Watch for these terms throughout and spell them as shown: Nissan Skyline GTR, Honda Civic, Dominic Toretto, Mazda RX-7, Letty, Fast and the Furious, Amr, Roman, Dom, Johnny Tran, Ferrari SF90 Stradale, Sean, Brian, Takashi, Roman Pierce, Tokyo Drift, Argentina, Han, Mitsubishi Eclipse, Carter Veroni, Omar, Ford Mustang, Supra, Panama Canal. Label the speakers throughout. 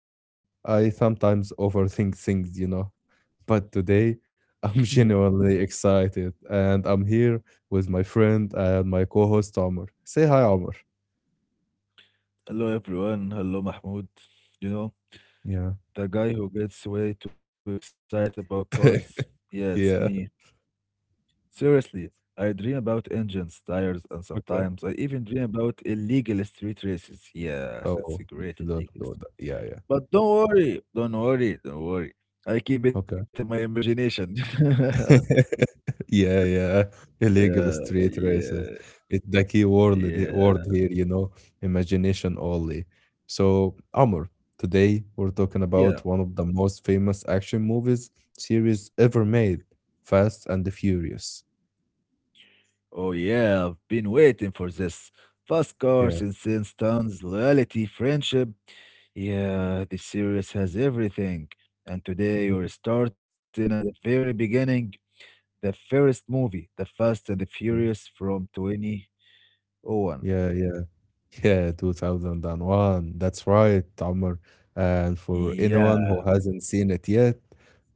Speaker 1: well, I sometimes overthink things, you know. But today, I'm
Speaker 2: Yeah.
Speaker 1: genuinely excited, and I'm here with my friend and my co host, Omar. Say hi, Omar.
Speaker 2: Hello everyone. Hello Mahmoud. You know,
Speaker 1: Yeah.
Speaker 2: the guy who gets way too excited about cars. Yeah, it's me.
Speaker 1: Yeah.
Speaker 2: Seriously, I dream about engines, tires, and
Speaker 1: Okay.
Speaker 2: sometimes I even dream about illegal street races. Yes, it's
Speaker 1: Oh,
Speaker 2: a great
Speaker 1: you don't
Speaker 2: illegal
Speaker 1: know
Speaker 2: street.
Speaker 1: that. Yeah, yeah.
Speaker 2: But don't worry, don't worry, don't worry. I keep it in my
Speaker 1: Okay.
Speaker 2: imagination.
Speaker 1: yeah, yeah.
Speaker 2: Yeah,
Speaker 1: Illegal street
Speaker 2: yeah,
Speaker 1: races. It's the key word, the
Speaker 2: yeah,
Speaker 1: word here, you know, imagination only. So, Amr, today we're talking
Speaker 2: yeah.
Speaker 1: about one of the most famous action movies series ever made, Fast and the Furious.
Speaker 2: Oh yeah, I've been waiting for this. Fast
Speaker 1: Yeah.
Speaker 2: cars, incense tons, loyalty, friendship. Yeah, this series has everything. And today we are starting at the very beginning, the first movie, The Fast and the Furious
Speaker 1: Mhm.
Speaker 2: from 2001.
Speaker 1: Yeah, yeah. Yeah, 2001. That's right, Amr. And for
Speaker 2: Yeah,
Speaker 1: anyone who hasn't seen it yet,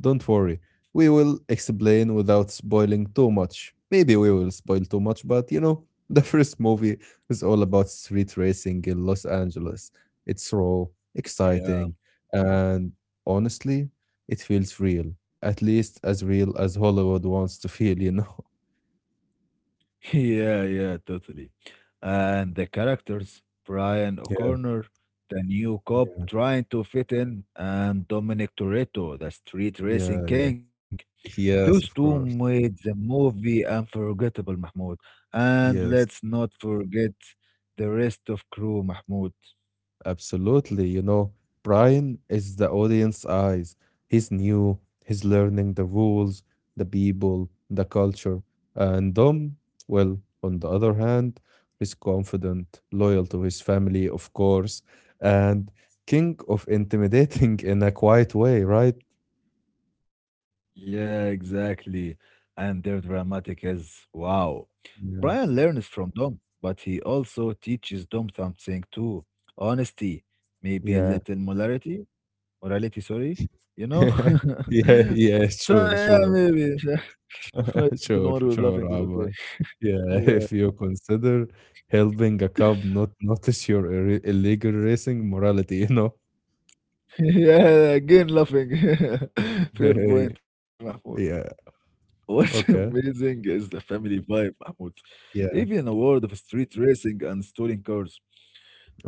Speaker 1: don't worry. We will explain without spoiling too much. Maybe we will spoil too much, but you know, the first movie is all about street racing in Los Angeles. It's raw,
Speaker 2: yeah,
Speaker 1: exciting, and honestly, it feels real. At least as real as Hollywood wants to feel, you know?
Speaker 2: yeah, yeah, totally. And the characters, Brian
Speaker 1: Yeah,
Speaker 2: O'Connor, the new cop
Speaker 1: yeah,
Speaker 2: trying to fit in, and Dominic Toretto, the street racing
Speaker 1: yeah, yeah.
Speaker 2: king.
Speaker 1: Yes,
Speaker 2: Those
Speaker 1: of
Speaker 2: two
Speaker 1: course.
Speaker 2: made the movie unforgettable, Mahmoud. And
Speaker 1: Yes.
Speaker 2: let's not forget the rest of crew, Mahmoud.
Speaker 1: Absolutely. You know, Brian is the audience eyes. He's new, he's learning the rules, the people, the culture. And Dom, well, on the other hand, is confident, loyal to his family, of course, and king of intimidating in a quiet way, right?
Speaker 2: Yeah, exactly. And their dramatic as wow.
Speaker 1: Yeah.
Speaker 2: Brian learns from Dom, but he also teaches Dom something too. Honesty, maybe a
Speaker 1: Yeah.
Speaker 2: little morality, morality, sorry, you know?
Speaker 1: Yeah,
Speaker 2: So,
Speaker 1: yeah,
Speaker 2: yeah,
Speaker 1: sure, sure.
Speaker 2: maybe. I don't know why we're
Speaker 1: Sure,
Speaker 2: laughing, but
Speaker 1: sure,
Speaker 2: okay.
Speaker 1: Omar. Yeah,
Speaker 2: Yeah.
Speaker 1: if you consider helping a cop not notice your ir illegal racing morality, you know?
Speaker 2: Yeah, again laughing. Fair point, Mahmoud.
Speaker 1: Yeah,
Speaker 2: What's
Speaker 1: okay.
Speaker 2: amazing is the family vibe, Mahmoud.
Speaker 1: Yeah,
Speaker 2: Even a world of street racing and stolen cars.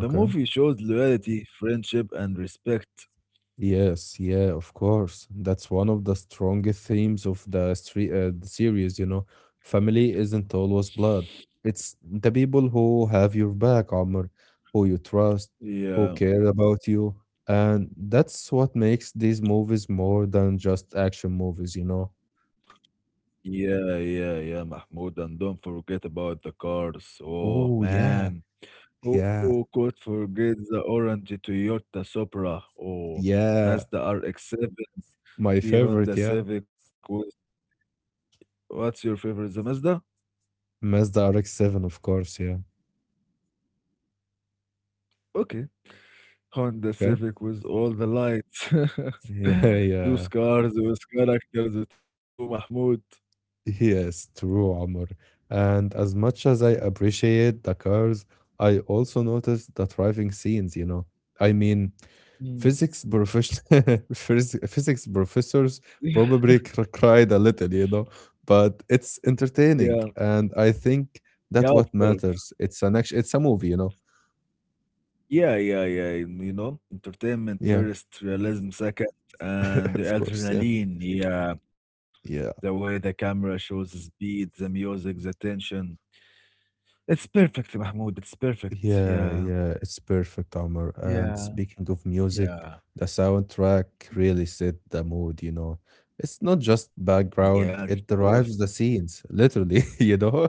Speaker 2: The movie shows loyalty, friendship, and respect.
Speaker 1: Yes, yeah, of course. That's one of the strongest themes of the street, the series, you know. Family isn't always blood. It's the people who have your back, Amr, who you trust, who
Speaker 2: Yeah,
Speaker 1: care about you. And that's what makes these movies more than just action movies, you know.
Speaker 2: yeah, yeah, yeah, Mahmoud. And don't forget about the cars. Oh,
Speaker 1: Oh, yeah,
Speaker 2: man. Who
Speaker 1: yeah,
Speaker 2: who could forget the orange Toyota Supra? Oh,
Speaker 1: yeah.
Speaker 2: Mazda RX-7,
Speaker 1: My
Speaker 2: the Honda
Speaker 1: favorite, yeah.
Speaker 2: Civic with. What's your favorite? The Mazda?
Speaker 1: Mazda RX-7, of course, yeah.
Speaker 2: Okay, Honda
Speaker 1: Okay.
Speaker 2: Civic with all the lights.
Speaker 1: Yeah, yeah.
Speaker 2: Those cars with characters too, Mahmoud.
Speaker 1: Yes, true, Amr. And as much as I appreciate the cars, I also notice the driving scenes, you know. I mean,
Speaker 2: Mm.
Speaker 1: physics profession phys- physics professors probably cried a little, you know, but it's
Speaker 2: Yeah,
Speaker 1: entertaining, and I think
Speaker 2: yeah,
Speaker 1: that
Speaker 2: of
Speaker 1: what
Speaker 2: course.
Speaker 1: matters. It's an action, it's a movie, you know.
Speaker 2: Yeah, yeah, yeah. And, entertainment
Speaker 1: Yeah,
Speaker 2: first, realism second, and the
Speaker 1: of course. Yeah,
Speaker 2: adrenaline. Yeah, the
Speaker 1: yeah.
Speaker 2: way the camera shows the speed, the music, the tension. It's perfect, Mahmoud. It's perfect.
Speaker 1: Yeah,
Speaker 2: Yeah,
Speaker 1: yeah, it's perfect, Omar. And
Speaker 2: yeah,
Speaker 1: speaking of music,
Speaker 2: yeah,
Speaker 1: the soundtrack really set the mood, you know. It's not just
Speaker 2: yeah. Of
Speaker 1: background, it
Speaker 2: course.
Speaker 1: drives the scenes, literally, you know.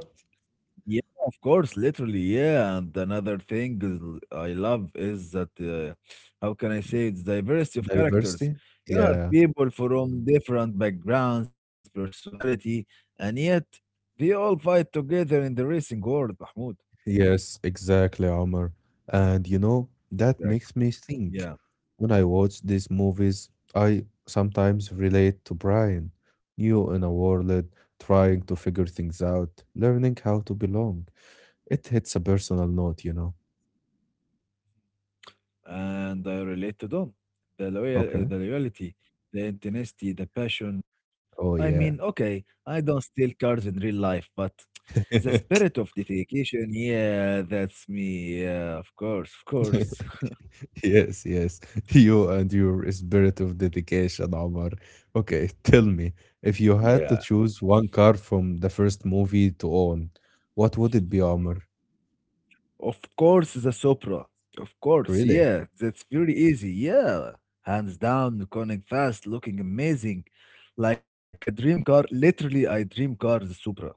Speaker 2: Yeah, of course, literally, yeah. And another thing is I love is that how can I say it's diversity of characters.
Speaker 1: Diversity.
Speaker 2: You have
Speaker 1: Yeah,
Speaker 2: people from different backgrounds, personality, and yet they all fight together in the racing world, Mahmoud.
Speaker 1: yes, exactly, Omar. And you know, that
Speaker 2: Exactly.
Speaker 1: makes me think.
Speaker 2: Yeah.
Speaker 1: When I watch these movies, I sometimes relate to Brian, new in a world, trying to figure things out, learning how to belong. It hits a personal note, you know.
Speaker 2: And I related on
Speaker 1: Okay.
Speaker 2: the loyalty, the intensity, the passion. I
Speaker 1: Oh
Speaker 2: mean,
Speaker 1: yeah.
Speaker 2: okay, I don't steal cars in real life, but the spirit of dedication, yeah, that's me. Yeah, of course, of course.
Speaker 1: Yes, yes. You and your spirit of dedication, Omar. Okay, tell me, if
Speaker 2: Yeah,
Speaker 1: you had to choose one car from the first movie to own, what would it be, Omar?
Speaker 2: of course, the Sopra. Of course,
Speaker 1: Really?
Speaker 2: yeah, that's very easy. Yeah, hands down, going fast, looking amazing, like a dream car. Literally, I dream car the Supra.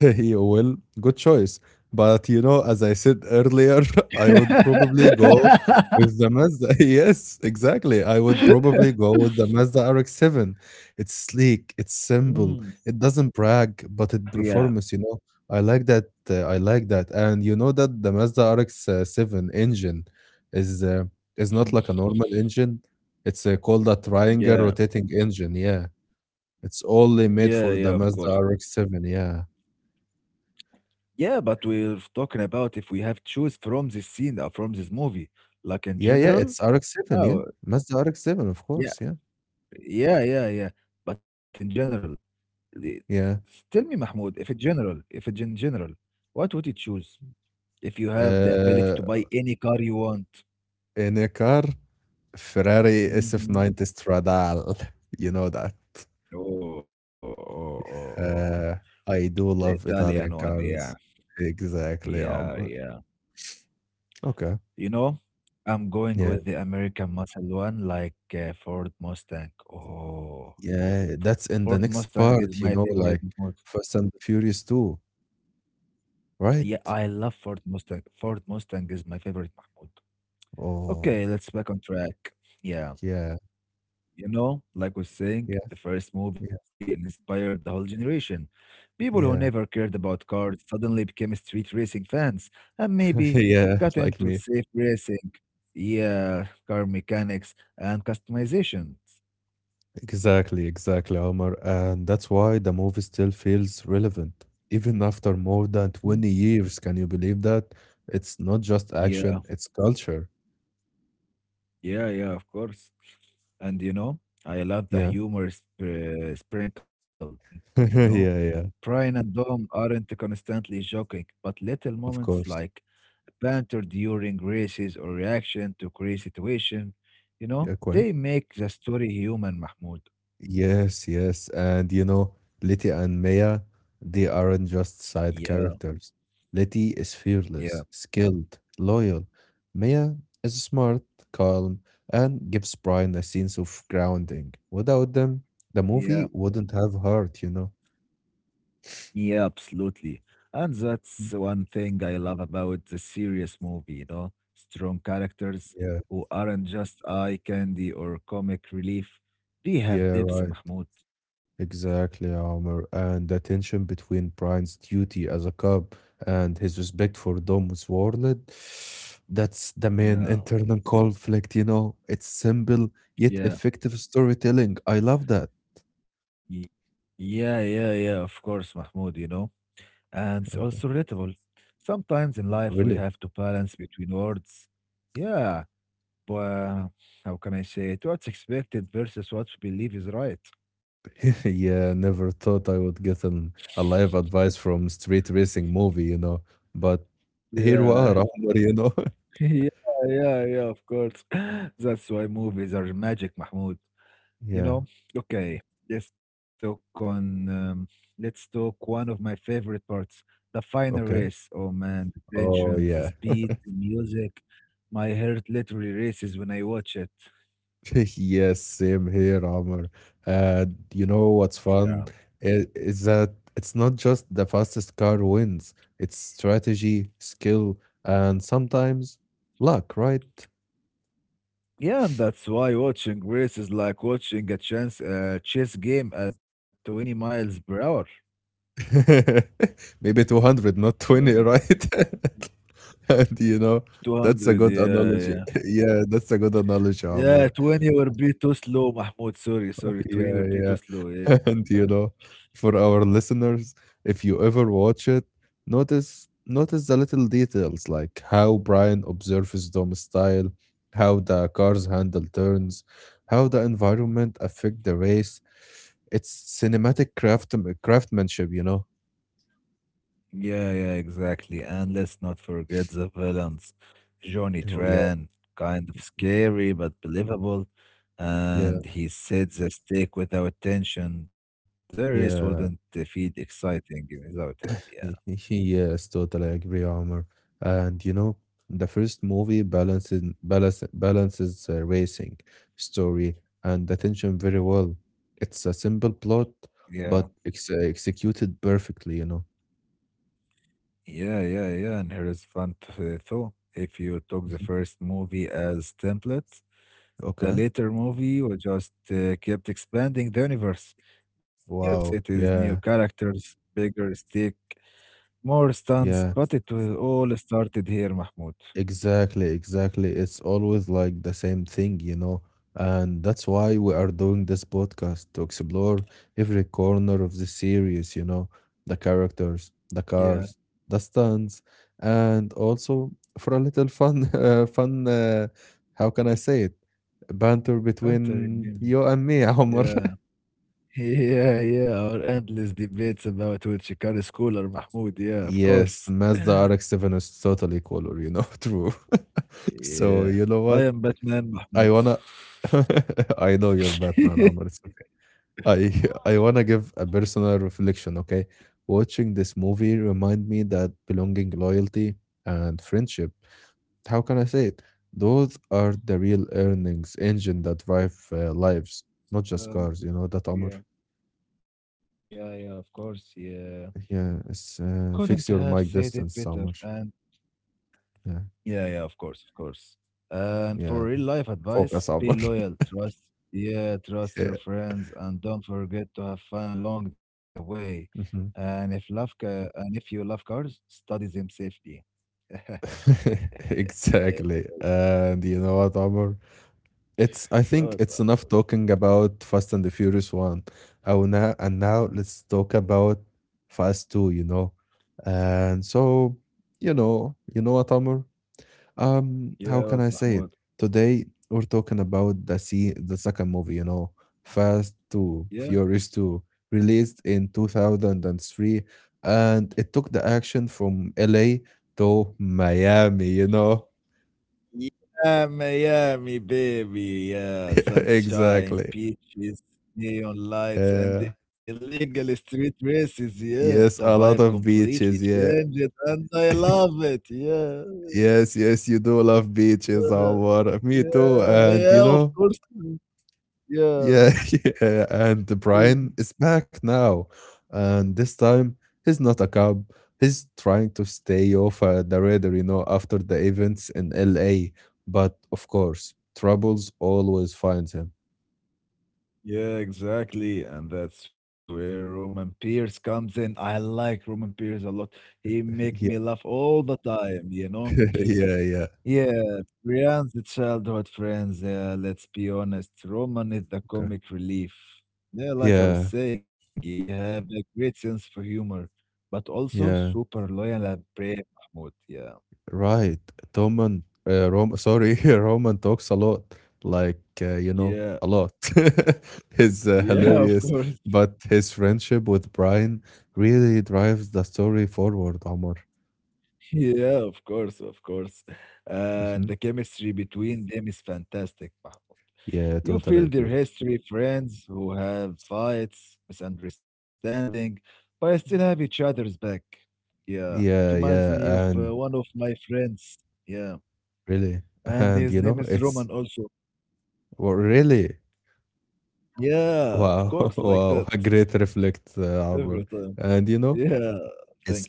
Speaker 1: You will. Good choice. But you know, as I said earlier, I would probably go with the Mazda. Yes, exactly. I would probably go with the Mazda RX-7. It's sleek, it's
Speaker 2: Mm.
Speaker 1: simple, it doesn't brag, but it
Speaker 2: Yeah,
Speaker 1: performs, you know. I like that. I like that. And you know that the Mazda RX-7 engine is uh, is not like a normal engine. It's called a triangle
Speaker 2: yeah.
Speaker 1: rotating engine. Yeah. It's only
Speaker 2: Yeah,
Speaker 1: made
Speaker 2: yeah, of
Speaker 1: for the
Speaker 2: course.
Speaker 1: Mazda RX-7. Yeah.
Speaker 2: Yeah, but we're talking about if we have choose from this scene or from this movie, like in
Speaker 1: Yeah, yeah,
Speaker 2: general.
Speaker 1: it's RX-7, yeah.
Speaker 2: Oh,
Speaker 1: Mazda RX-7, of
Speaker 2: yeah,
Speaker 1: course, yeah,
Speaker 2: yeah, yeah, yeah. But in general, the-
Speaker 1: yeah.
Speaker 2: tell me, Mahmoud, if it in general, what would you choose if you have the ability
Speaker 1: Uh,
Speaker 2: to buy any car you want?
Speaker 1: in a car, Ferrari
Speaker 2: Mm-hmm.
Speaker 1: SF90 Stradale, you know that.
Speaker 2: Oh, oh, oh, oh.
Speaker 1: Uh, I
Speaker 2: The
Speaker 1: do love
Speaker 2: Italian
Speaker 1: Italian
Speaker 2: one, yeah,
Speaker 1: cars. Exactly,
Speaker 2: yeah,
Speaker 1: Omar.
Speaker 2: yeah.
Speaker 1: Okay,
Speaker 2: You know, I'm going
Speaker 1: yeah,
Speaker 2: with the American muscle one, like Ford Mustang. Oh,
Speaker 1: yeah,
Speaker 2: Ford
Speaker 1: that's in the
Speaker 2: Mustang
Speaker 1: next
Speaker 2: is my
Speaker 1: part, you know,
Speaker 2: favorite, Mahmoud.
Speaker 1: like Fast and the Furious 2,
Speaker 2: Yeah, I
Speaker 1: right?
Speaker 2: love Ford Mustang. Ford Mustang is my favorite, Mahmoud.
Speaker 1: Oh,
Speaker 2: Okay, let's back on track. Yeah,
Speaker 1: yeah,
Speaker 2: like we're saying,
Speaker 1: yeah,
Speaker 2: the first movie
Speaker 1: yeah,
Speaker 2: inspired the whole generation. People who never
Speaker 1: yeah,
Speaker 2: cared about cars suddenly became street racing fans and maybe
Speaker 1: yeah,
Speaker 2: got
Speaker 1: like
Speaker 2: into
Speaker 1: me.
Speaker 2: safe racing. Yeah, car mechanics and customizations.
Speaker 1: Exactly, exactly, Omar. And that's why the movie still feels relevant. Even after more than
Speaker 2: Mm.
Speaker 1: 20 years, can you believe that? It's not just
Speaker 2: Yeah,
Speaker 1: action, it's culture.
Speaker 2: yeah, yeah, of course. And I love the
Speaker 1: Yeah.
Speaker 2: humor sprinkled, you know.
Speaker 1: yeah, yeah,
Speaker 2: Brian and Dom aren't constantly joking, but little
Speaker 1: of
Speaker 2: moments
Speaker 1: course.
Speaker 2: like banter during races or reaction to crazy situation,
Speaker 1: Yeah, quite.
Speaker 2: they make the story human, Mahmoud.
Speaker 1: Yes, yes. And you know, Letty and Maya, they aren't just side
Speaker 2: Yeah,
Speaker 1: characters. Letty is
Speaker 2: yeah,
Speaker 1: fearless, skilled, loyal. Maya is smart, calm, and gives Brian a sense of grounding. Without them, the movie
Speaker 2: yeah.
Speaker 1: wouldn't have heart, you know?
Speaker 2: Yeah, absolutely. And that's one thing I love about the serious movie, strong characters
Speaker 1: Yeah.
Speaker 2: who aren't just eye candy or comic relief. They have
Speaker 1: Yeah,
Speaker 2: depth,
Speaker 1: right.
Speaker 2: Mahmoud.
Speaker 1: Exactly, Omar. And the tension between Brian's duty as a cop and his respect for Dom's world, that's the main
Speaker 2: Yeah,
Speaker 1: internal conflict, you know. It's simple yet
Speaker 2: yeah,
Speaker 1: effective storytelling. I love that.
Speaker 2: y- yeah, yeah, yeah, of course, Mahmoud. And it's
Speaker 1: Okay.
Speaker 2: also relatable. Sometimes in life
Speaker 1: Really?
Speaker 2: we have to balance between words. Yeah, but how can I say it? What's expected versus what we believe is right.
Speaker 1: Yeah, never thought I would get an a live advice from street racing movie, you know. But here we
Speaker 2: Yeah,
Speaker 1: are, Omar, you know.
Speaker 2: yeah, yeah, yeah, of course. That's why movies are magic, Mahmoud. You
Speaker 1: Yeah.
Speaker 2: know? Okay, let's talk on um, let's talk one of my favorite parts, the final
Speaker 1: Okay.
Speaker 2: race. Oh man, the
Speaker 1: Oh,
Speaker 2: tension, the
Speaker 1: yeah.
Speaker 2: speed, the music. My heart literally races when I watch it.
Speaker 1: Yes, same here, Omar. And you know what's
Speaker 2: Yeah.
Speaker 1: fun is that it's not just the fastest car wins, it's strategy, skill, and sometimes luck, right?
Speaker 2: Yeah, and that's why watching race is like watching a chance chess game at 20 miles per hour.
Speaker 1: Maybe 200, not 20,
Speaker 2: Mm.
Speaker 1: right? And you know, that's a
Speaker 2: 200,
Speaker 1: good
Speaker 2: yeah,
Speaker 1: analogy.
Speaker 2: yeah.
Speaker 1: Yeah, that's a good analogy,
Speaker 2: Yeah,
Speaker 1: Omar.
Speaker 2: 20 will be too slow, Mahmoud. Sorry, sorry. 20
Speaker 1: Yeah,
Speaker 2: will be too
Speaker 1: yeah.
Speaker 2: slow. Yeah.
Speaker 1: And you know, for our listeners, if you ever watch it, notice the little details like how Brian observes Dom's style, how the car's handle turns, how the environment affect the race. It's cinematic craft craftsmanship, you know.
Speaker 2: Yeah, yeah, exactly. And let's not forget the villains. Johnny
Speaker 1: Oh yeah,
Speaker 2: Tran, kind of scary but believable.
Speaker 1: yeah,
Speaker 2: And he sets the stake without tension. The race wouldn't
Speaker 1: yeah.
Speaker 2: feel exciting without him. Yeah,
Speaker 1: Yes, totally agree, Omar. And you know, the first movie balances racing, story, and attention very well. It's a simple plot,
Speaker 2: yeah,
Speaker 1: but it's executed perfectly, you know.
Speaker 2: yeah, yeah, yeah. And here is fun thought. If you took the
Speaker 1: Mhm.
Speaker 2: first movie as template, the
Speaker 1: Okay.
Speaker 2: later movie was just kept expanding the universe. New
Speaker 1: Wow.
Speaker 2: cities, new
Speaker 1: Yeah.
Speaker 2: characters, bigger stake, more stunts, but
Speaker 1: Yeah.
Speaker 2: it will all started here, Mahmoud.
Speaker 1: Exactly, exactly. It's always like the same thing, you know. And that's why we are doing this podcast to explore every corner of the series, you know, the characters, the
Speaker 2: Yeah,
Speaker 1: cars, the stunts, and also for a little fun, how can I say it? Banter
Speaker 2: Panther,
Speaker 1: between
Speaker 2: remember.
Speaker 1: you and me, Omar.
Speaker 2: Yeah. Yeah, yeah, our endless debates about which car is cooler, Mahmoud. Yeah, of
Speaker 1: Yes,
Speaker 2: course.
Speaker 1: Mazda RX-7 is totally color, you know, true. So,
Speaker 2: Yeah.
Speaker 1: you know
Speaker 2: I
Speaker 1: what?
Speaker 2: am Batman,
Speaker 1: I
Speaker 2: Mahmoud.
Speaker 1: wanna I know you're Batman, Amr. It's okay. I I wanna give a personal reflection, okay? Watching this movie remind me that belonging, loyalty, and friendship, how can I say it? Those are the real earnings engine that drive lives, not just
Speaker 2: Um,
Speaker 1: cars. You know that, Amr?
Speaker 2: yeah, yeah, yeah, of course, yeah.
Speaker 1: Yeah, it's
Speaker 2: Couldn't
Speaker 1: fix
Speaker 2: have
Speaker 1: your mic
Speaker 2: said it
Speaker 1: distance,
Speaker 2: better.
Speaker 1: Amr.
Speaker 2: And
Speaker 1: Yeah,
Speaker 2: Yeah, yeah, of course, of course. And for
Speaker 1: yeah.
Speaker 2: real life advice,
Speaker 1: Focus,
Speaker 2: be
Speaker 1: Amr.
Speaker 2: loyal, trust, yeah, trust your
Speaker 1: yeah.
Speaker 2: friends, and don't forget to have fun along the way.
Speaker 1: Mhm.
Speaker 2: And if you love cars, study them safely. Eh,
Speaker 1: exactly. And you know what, Amr? It's I think
Speaker 2: what,
Speaker 1: it's enough
Speaker 2: Mahmoud?
Speaker 1: talking about Fast and the Furious One. Oh now and now let's talk about Fast Two, you know. And so, you know what, Amr? How
Speaker 2: Yeah,
Speaker 1: can
Speaker 2: what,
Speaker 1: I say it?
Speaker 2: Mahmoud?
Speaker 1: Today we're talking about the second movie, you know, Fast Two,
Speaker 2: Yeah.
Speaker 1: Furious Two, released in 2003, and three, and it took the action from LA to Miami, you know?
Speaker 2: Yeah, Miami, baby. Yeah, sunshine,
Speaker 1: Exactly.
Speaker 2: peaches, neon lights, and the
Speaker 1: Yeah.
Speaker 2: illegal street races. Yeah, the
Speaker 1: Yes,
Speaker 2: vibe
Speaker 1: a lot of
Speaker 2: completely
Speaker 1: beaches. Yeah.
Speaker 2: changed, and I love it. Yeah,
Speaker 1: Yes, yes, you do love beaches,
Speaker 2: yeah,
Speaker 1: Omar. Me too.
Speaker 2: yeah,
Speaker 1: And
Speaker 2: yeah,
Speaker 1: you
Speaker 2: of
Speaker 1: know,
Speaker 2: course. Yeah,
Speaker 1: yeah, yeah. And Brian is back now. And this time, he's not a cop. He's trying to stay off the radar, you know, after the events in LA. But of course, troubles always finds him.
Speaker 2: yeah, exactly. And that's where Roman Pierce comes in. I like Roman Pierce a lot. He make me
Speaker 1: Yeah,
Speaker 2: laugh all the time.
Speaker 1: yeah, yeah.
Speaker 2: Yeah, Brian's childhood friends. Yeah, let's be honest. Roman is the
Speaker 1: Okay.
Speaker 2: comic relief. Yeah, like I was
Speaker 1: Yeah,
Speaker 2: saying, he have a great sense for humor, but also
Speaker 1: yeah.
Speaker 2: super loyal and brave, Mahmoud. Yeah,
Speaker 1: Right. Roman, Rom sorry, Roman talks a lot, like, you know,
Speaker 2: yeah,
Speaker 1: a lot. He's
Speaker 2: yeah, of
Speaker 1: hilarious,
Speaker 2: course.
Speaker 1: but his friendship with Brian really drives the story forward, Omar.
Speaker 2: Yeah, of course, of course. And
Speaker 1: Hmm.
Speaker 2: the chemistry between them is fantastic, Mahmoud.
Speaker 1: Yeah,
Speaker 2: You
Speaker 1: totally
Speaker 2: feel their
Speaker 1: agree.
Speaker 2: history, friends who have fights, misunderstanding, but still have each other's back. Yeah,
Speaker 1: Yeah,
Speaker 2: it
Speaker 1: yeah,
Speaker 2: reminds me of
Speaker 1: and
Speaker 2: one of my friends. Yeah,
Speaker 1: really,
Speaker 2: and
Speaker 1: and you
Speaker 2: his
Speaker 1: know,
Speaker 2: name is
Speaker 1: it's
Speaker 2: Roman also.
Speaker 1: well, really
Speaker 2: Yeah, of
Speaker 1: wow,
Speaker 2: course, like
Speaker 1: wow,
Speaker 2: that
Speaker 1: a great reflect,
Speaker 2: every time.
Speaker 1: Omar. And you
Speaker 2: Yeah,
Speaker 1: know,
Speaker 2: thank you.
Speaker 1: it's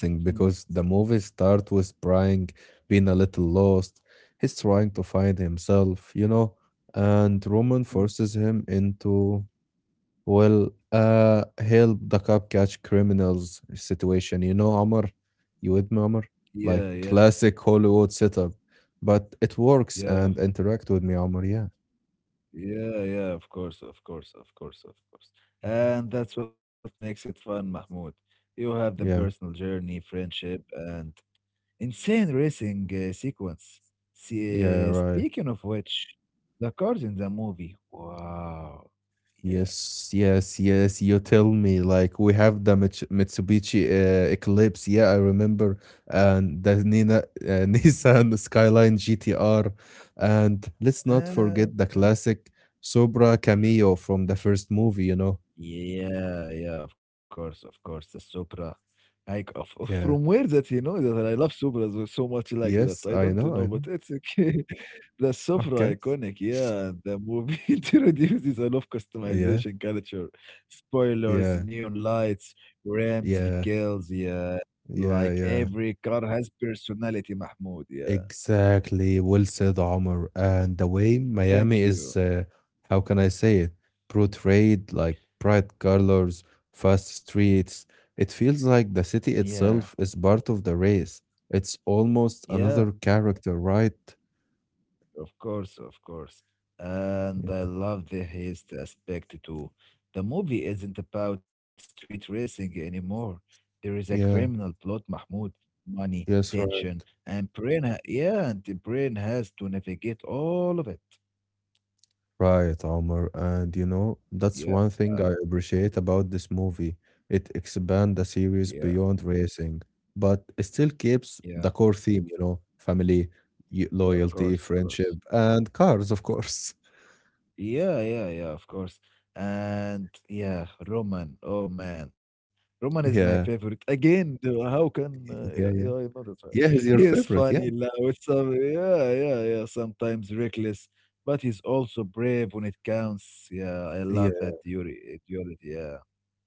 Speaker 2: Mm,
Speaker 1: because the movie starts with Brian being a little lost. He's trying to find himself, you know, and Roman
Speaker 2: mm.
Speaker 1: forces him into, well, help the cop catch criminals situation. You know, Amr, you with me, Amr?
Speaker 2: Yeah,
Speaker 1: Like
Speaker 2: yeah,
Speaker 1: classic Hollywood setup, but it works
Speaker 2: yeah,
Speaker 1: and interact with me, Amr. Yeah,
Speaker 2: yeah, yeah, of course, of course, of course, of course. And that's what makes it fun, Mahmoud. You have the personal
Speaker 1: yeah,
Speaker 2: journey, friendship, and insane racing sequence.
Speaker 1: yeah,
Speaker 2: See,
Speaker 1: right.
Speaker 2: speaking of which, the cars in the movie. Wow. Yeah.
Speaker 1: Yes, yes, yes. You tell me, like we have the Mitsubishi Eclipse. Yeah, I remember, and the Nina, Nissan Skyline GTR, and let's not
Speaker 2: Man,
Speaker 1: forget the classic Supra Cameo from the first movie. You know.
Speaker 2: yeah, yeah, of course, of course. The Supra. Like from
Speaker 1: Yeah.
Speaker 2: where that you know that I love Supras so so much like that.
Speaker 1: Yes,
Speaker 2: I
Speaker 1: I
Speaker 2: don't
Speaker 1: know.
Speaker 2: know,
Speaker 1: I
Speaker 2: but
Speaker 1: know.
Speaker 2: it's okay. The Supra
Speaker 1: Okay.
Speaker 2: iconic, yeah. The movie introduces a lot of
Speaker 1: Yeah.
Speaker 2: customization culture. Spoilers,
Speaker 1: Yeah.
Speaker 2: neon lights, rims,
Speaker 1: Yeah.
Speaker 2: decals, yeah.
Speaker 1: Yeah.
Speaker 2: Like
Speaker 1: Yeah.
Speaker 2: every car has personality, Mahmoud, yeah.
Speaker 1: Exactly. Well said, Omar. And the way
Speaker 2: Thank
Speaker 1: Miami
Speaker 2: you.
Speaker 1: is, how can I say it, portrayed like bright colors, fast streets, it feels like the city
Speaker 2: Yeah.
Speaker 1: itself is part of the race. It's almost
Speaker 2: Yeah,
Speaker 1: another character, right?
Speaker 2: of course, of course. And I
Speaker 1: Yeah.
Speaker 2: love the haste aspect too. The movie isn't about street racing anymore. There is a criminal
Speaker 1: Yeah.
Speaker 2: plot, Mahmoud. Money,
Speaker 1: Yes, right.
Speaker 2: tension, and and the brain has to navigate all of it.
Speaker 1: Right, Omar. And you know, that's
Speaker 2: Yeah,
Speaker 1: one thing I appreciate about this movie. It expands the
Speaker 2: yeah,
Speaker 1: series beyond racing, but it still keeps
Speaker 2: yeah,
Speaker 1: the core theme, you know, family,
Speaker 2: yeah, of
Speaker 1: loyalty,
Speaker 2: course, of
Speaker 1: friendship,
Speaker 2: course.
Speaker 1: and cars, of course.
Speaker 2: Yeah, yeah, yeah, of course. And yeah, Roman. Oh man, Roman is my
Speaker 1: Yeah,
Speaker 2: favorite. Again, the- how can
Speaker 1: yeah,
Speaker 2: yeah,
Speaker 1: yeah.
Speaker 2: yeah, I know that right.
Speaker 1: Yeah, he's your
Speaker 2: He is
Speaker 1: favorite.
Speaker 2: funny, loud, some yeah, yeah, yeah. Sometimes reckless, but he's also brave when it counts. Yeah, I
Speaker 1: Yeah.
Speaker 2: love that duality. Yeah,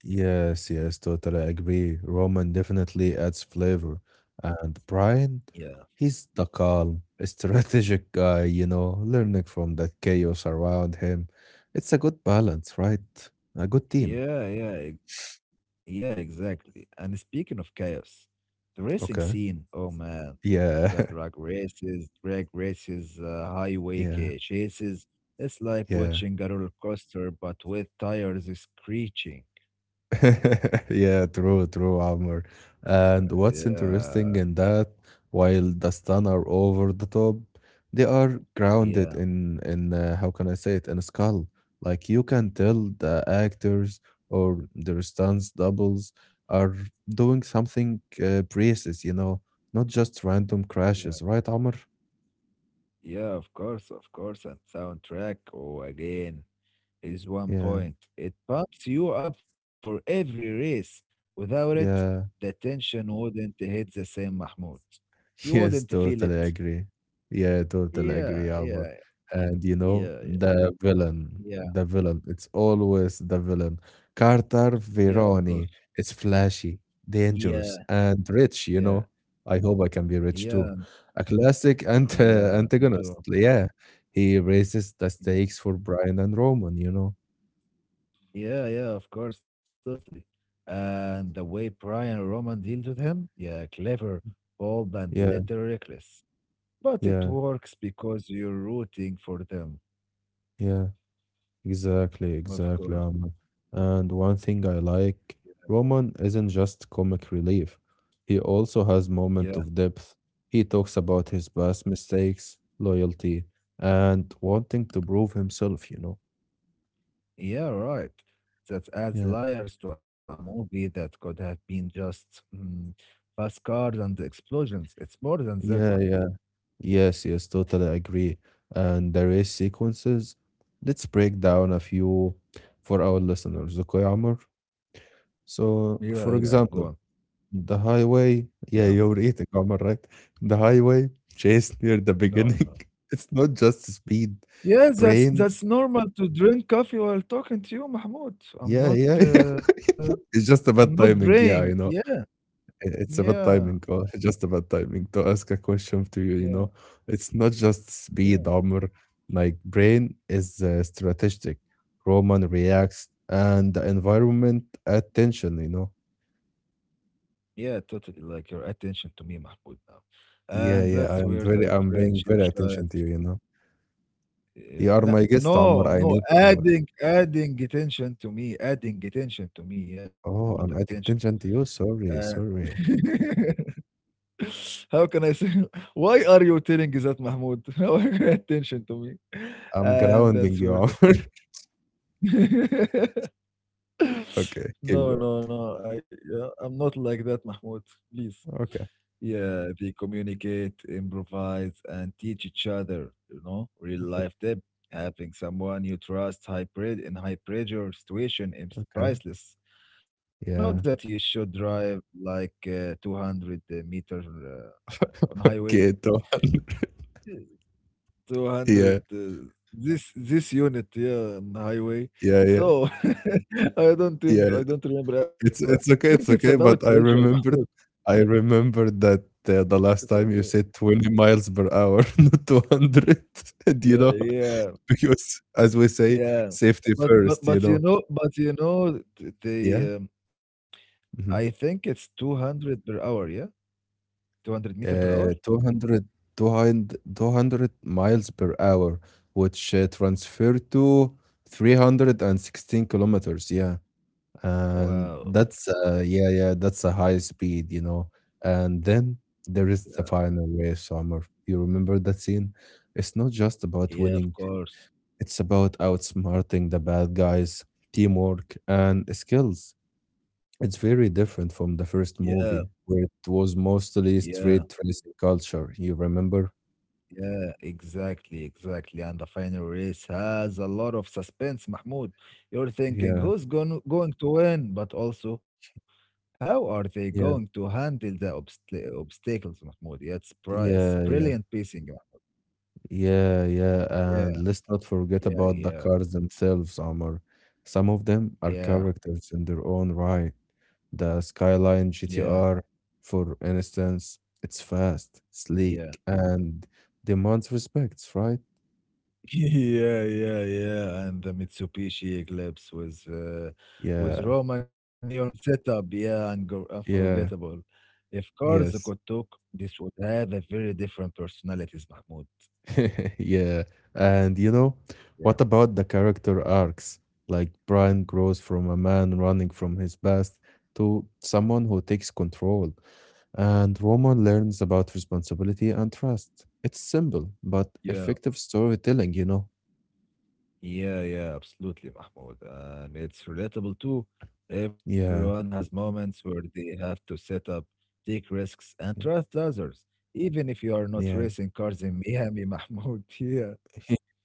Speaker 1: Yes, yes, totally agree. Roman definitely adds flavor. And Brian,
Speaker 2: yeah,
Speaker 1: he's the calm, strategic guy, you know, learning from that chaos around him. It's a good balance, right? A good team.
Speaker 2: yeah, yeah, yeah. Exactly. And speaking of chaos, the racing
Speaker 1: Okay.
Speaker 2: scene. Oh man. The
Speaker 1: Yeah.
Speaker 2: highway
Speaker 1: Yeah.
Speaker 2: chases. It's like
Speaker 1: Yeah.
Speaker 2: watching a roller coaster, but with tires screeching.
Speaker 1: Yeah, true, true, Amr. And what's
Speaker 2: Yeah,
Speaker 1: interesting in that, while the stun are over the top, they are grounded
Speaker 2: yeah,
Speaker 1: in how can I say it, in a skull. Like you can tell the actors or their stunts doubles are doing something precise, not just random
Speaker 2: yeah,
Speaker 1: crashes, right, Amr?
Speaker 2: yeah. Of course, of course. And soundtrack, oh, again, is one
Speaker 1: Yeah,
Speaker 2: point. It pumps you up for every race. Without it, the
Speaker 1: yeah.
Speaker 2: tension wouldn't hit the same, Mahmoud. You
Speaker 1: Yes,
Speaker 2: wouldn't feel it.
Speaker 1: totally agree. Yeah, totally agree,
Speaker 2: Yeah,
Speaker 1: Amor.
Speaker 2: yeah,
Speaker 1: And
Speaker 2: yeah, yeah,
Speaker 1: the villain,
Speaker 2: yeah.
Speaker 1: the villain, it's always the villain. Carter
Speaker 2: Yeah, of
Speaker 1: Veroni
Speaker 2: course.
Speaker 1: is flashy,
Speaker 2: Yeah,
Speaker 1: dangerous, and rich, you
Speaker 2: yeah.
Speaker 1: know. I hope I can be rich
Speaker 2: Yeah,
Speaker 1: too. A classic ant
Speaker 2: yeah, me
Speaker 1: antagonist.
Speaker 2: too.
Speaker 1: Yeah, he raises the
Speaker 2: Yeah,
Speaker 1: stakes for Brian and Roman.
Speaker 2: yeah, yeah, of course, totally. And the way Brian Roman deals with him, yeah, clever, bold, and
Speaker 1: Yeah,
Speaker 2: little reckless. But it
Speaker 1: yeah,
Speaker 2: works because you're rooting for them,
Speaker 1: yeah. Exactly,
Speaker 2: of
Speaker 1: exactly,
Speaker 2: course.
Speaker 1: Ahmed. And one thing I like, Roman isn't just comic relief. He also has
Speaker 2: Yeah,
Speaker 1: moment of depth. He talks about his past mistakes, loyalty, and wanting to prove himself.
Speaker 2: yeah, right. That adds
Speaker 1: Yeah.
Speaker 2: layers to a movie that could have been just fast cars and explosions. It's more than that,
Speaker 1: Yeah,
Speaker 2: Mahmoud.
Speaker 1: yeah. Yes, yes, totally agree. And the race sequences, let's break down a few for our listeners, okay, Amr?
Speaker 2: Yeah,
Speaker 1: So,
Speaker 2: yeah,
Speaker 1: for
Speaker 2: go on.
Speaker 1: example, The highway
Speaker 2: Yeah,
Speaker 1: yeah, you're eating, Omar, right? The highway chase near the
Speaker 2: no,
Speaker 1: beginning.
Speaker 2: no.
Speaker 1: It's not just speed,
Speaker 2: Yes, that's
Speaker 1: brain
Speaker 2: that's normal to drink coffee while talking to you, Mahmoud. So
Speaker 1: yeah, yeah, yeah. It's
Speaker 2: I'm
Speaker 1: just
Speaker 2: not
Speaker 1: about timing,
Speaker 2: braying.
Speaker 1: yeah, you
Speaker 2: Yeah,
Speaker 1: know. I it's about
Speaker 2: yeah,
Speaker 1: timing, just about timing to ask a question to you, you
Speaker 2: yeah,
Speaker 1: know. It's not just
Speaker 2: yeah,
Speaker 1: speed, Omar. Like brain is strategic. Roman reacts and the environment attention.
Speaker 2: yeah. Totally, like your attention to me, Mahmoud, now, and
Speaker 1: Yeah, yeah,
Speaker 2: that's where the
Speaker 1: I'm paying
Speaker 2: friendship
Speaker 1: very attention to
Speaker 2: shines.
Speaker 1: you, you know.
Speaker 2: Uh,
Speaker 1: You are
Speaker 2: la-
Speaker 1: my guest, Omar.
Speaker 2: no,
Speaker 1: I
Speaker 2: no,
Speaker 1: need to.
Speaker 2: adding attention to me, adding attention to me. Yeah, not
Speaker 1: Oh, I'm adding
Speaker 2: attention.
Speaker 1: attention to you. Sorry,
Speaker 2: Uh,
Speaker 1: sorry.
Speaker 2: How can I say? Why are you telling that, Mahmoud? Why you pay attention to me?
Speaker 1: I'm
Speaker 2: And
Speaker 1: grounding
Speaker 2: that's
Speaker 1: you,
Speaker 2: where the
Speaker 1: Omar.
Speaker 2: friend.
Speaker 1: Okay, keep
Speaker 2: No,
Speaker 1: going.
Speaker 2: no, no. Yeah, I'm not like that, Mahmoud. Please.
Speaker 1: Okay,
Speaker 2: Yeah, they communicate, improvise, and teach each other. You know, real life tip: having someone you trust, in high pressure situation is
Speaker 1: okay.
Speaker 2: priceless. Not that
Speaker 1: Yeah.
Speaker 2: you should drive like 200 meter on highway.
Speaker 1: Okay, Tom.
Speaker 2: Yeah, 200
Speaker 1: Yeah,
Speaker 2: this unit yeah on highway.
Speaker 1: yeah, yeah,
Speaker 2: So
Speaker 1: yeah.
Speaker 2: I don't remember. I
Speaker 1: It's
Speaker 2: think it's
Speaker 1: okay, it's
Speaker 2: about
Speaker 1: okay. But
Speaker 2: pressure,
Speaker 1: I
Speaker 2: Mahmoud.
Speaker 1: remembered, I remembered that the last time you said 20 miles per hour, not 200. Do you
Speaker 2: Yeah,
Speaker 1: know?
Speaker 2: yeah,
Speaker 1: Because as we say,
Speaker 2: yeah.
Speaker 1: safety
Speaker 2: But but
Speaker 1: first. You
Speaker 2: but you
Speaker 1: know?
Speaker 2: know but you know th-
Speaker 1: Yeah.
Speaker 2: they I think
Speaker 1: Mm-hmm.
Speaker 2: it's 200 per hour. Yeah, 200 meter per hour.
Speaker 1: uh, 200, 200 miles per hour, which transfer to 316 kilometers. Yeah. And
Speaker 2: Wow.
Speaker 1: that's, yeah, yeah, that's a high speed. And then there is
Speaker 2: Yeah,
Speaker 1: the final race, Summer. You remember that scene? It's not just about
Speaker 2: yeah, of
Speaker 1: winning,
Speaker 2: course.
Speaker 1: it's about outsmarting the bad guys, teamwork, and skills. It's very different from the first
Speaker 2: Yeah,
Speaker 1: movie, where it was mostly
Speaker 2: yeah.
Speaker 1: street racing culture. You remember?
Speaker 2: Yeah, exactly, exactly. And the final race has a lot of suspense, Mahmoud. You're thinking
Speaker 1: Yeah,
Speaker 2: who's going to win, but also how are they going to
Speaker 1: yeah,
Speaker 2: handle the obstacles, Mahmoud? Yeah, it's
Speaker 1: yeah,
Speaker 2: brilliant
Speaker 1: yeah,
Speaker 2: pacing.
Speaker 1: yeah, yeah.
Speaker 2: Yeah,
Speaker 1: And let's not forget
Speaker 2: yeah,
Speaker 1: about the
Speaker 2: yeah,
Speaker 1: cars themselves, Amr. Some of them are
Speaker 2: yeah,
Speaker 1: characters in their own right. The Skyline
Speaker 2: yeah,
Speaker 1: GTR, for instance, it's fast,
Speaker 2: yeah.
Speaker 1: sleek, and demands respect, right?
Speaker 2: Yeah, yeah, yeah. And the Mitsubishi Eclipse with
Speaker 1: Yeah,
Speaker 2: Roman neon setup, yeah,
Speaker 1: yeah,
Speaker 2: unforgettable. If cars could
Speaker 1: yes.
Speaker 2: talk, this would have a very different personalities, Mahmoud.
Speaker 1: Yeah. And
Speaker 2: Yeah,
Speaker 1: what about the character arcs? Like Brian grows from a man running from his past to someone who takes control, and Roman learns about responsibility and trust. It's simple, but
Speaker 2: yeah,
Speaker 1: effective storytelling, you know?
Speaker 2: yeah, yeah. Absolutely, Mahmoud. And it's relatable too. Everyone
Speaker 1: Yeah.
Speaker 2: has moments where they have to set up, take risks, and trust others, even if you are not
Speaker 1: Yeah.
Speaker 2: racing cars in Miami, Mahmoud. Yeah,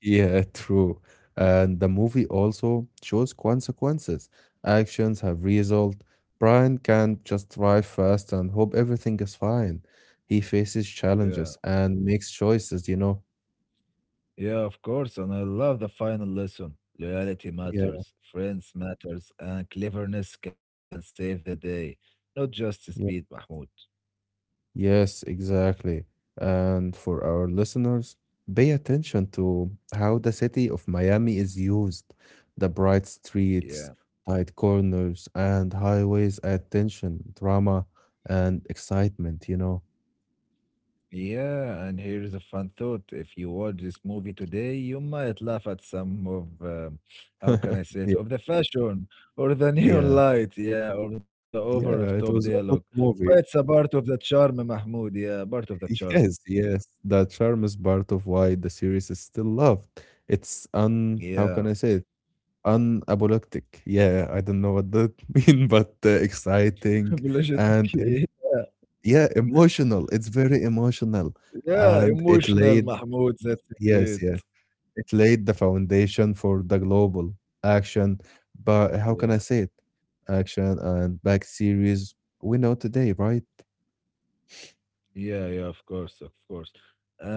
Speaker 1: Yeah, true. And the movie also shows consequences. Actions have result. Brian can't just drive fast and hope everything is fine. He faces
Speaker 2: yeah.
Speaker 1: challenges and makes choices.
Speaker 2: Yeah, of course, and I love the final lesson. Loyalty
Speaker 1: Yeah,
Speaker 2: matters, friends matters, and cleverness can save the day, not just speed,
Speaker 1: yeah.
Speaker 2: Mahmoud.
Speaker 1: Yes, exactly. And for our listeners, pay attention to how the city of Miami is used. The bright streets,
Speaker 2: Yeah.
Speaker 1: tight corners, and highways attention, drama, and excitement.
Speaker 2: Yeah, and here is a fun thought. If you watch this movie today, you might laugh at how can I say
Speaker 1: Yeah,
Speaker 2: it, of the fashion or the neon
Speaker 1: yeah,
Speaker 2: light, yeah, or the over of top
Speaker 1: yeah. It was
Speaker 2: dialogue.
Speaker 1: a good
Speaker 2: But it's
Speaker 1: movie.
Speaker 2: a part of the charm, Mahmoud. Yeah, part of the charm.
Speaker 1: Yes, yes. The charm is part of why the series is still loved. It's how can I
Speaker 2: Yeah.
Speaker 1: say it? Unapologetic. Yeah, I don't know what that mean, but exciting
Speaker 2: Apologetic.
Speaker 1: and
Speaker 2: Yeah.
Speaker 1: yeah, emotional. It's very emotional,
Speaker 2: Yeah,
Speaker 1: and it
Speaker 2: emotional
Speaker 1: laid
Speaker 2: Mahmoud. That's
Speaker 1: yes,
Speaker 2: great.
Speaker 1: yes. It laid the foundation for the global action. But how can I
Speaker 2: Yeah,
Speaker 1: say it? Action and back series we know today, right?
Speaker 2: yeah, yeah. Of course, of course.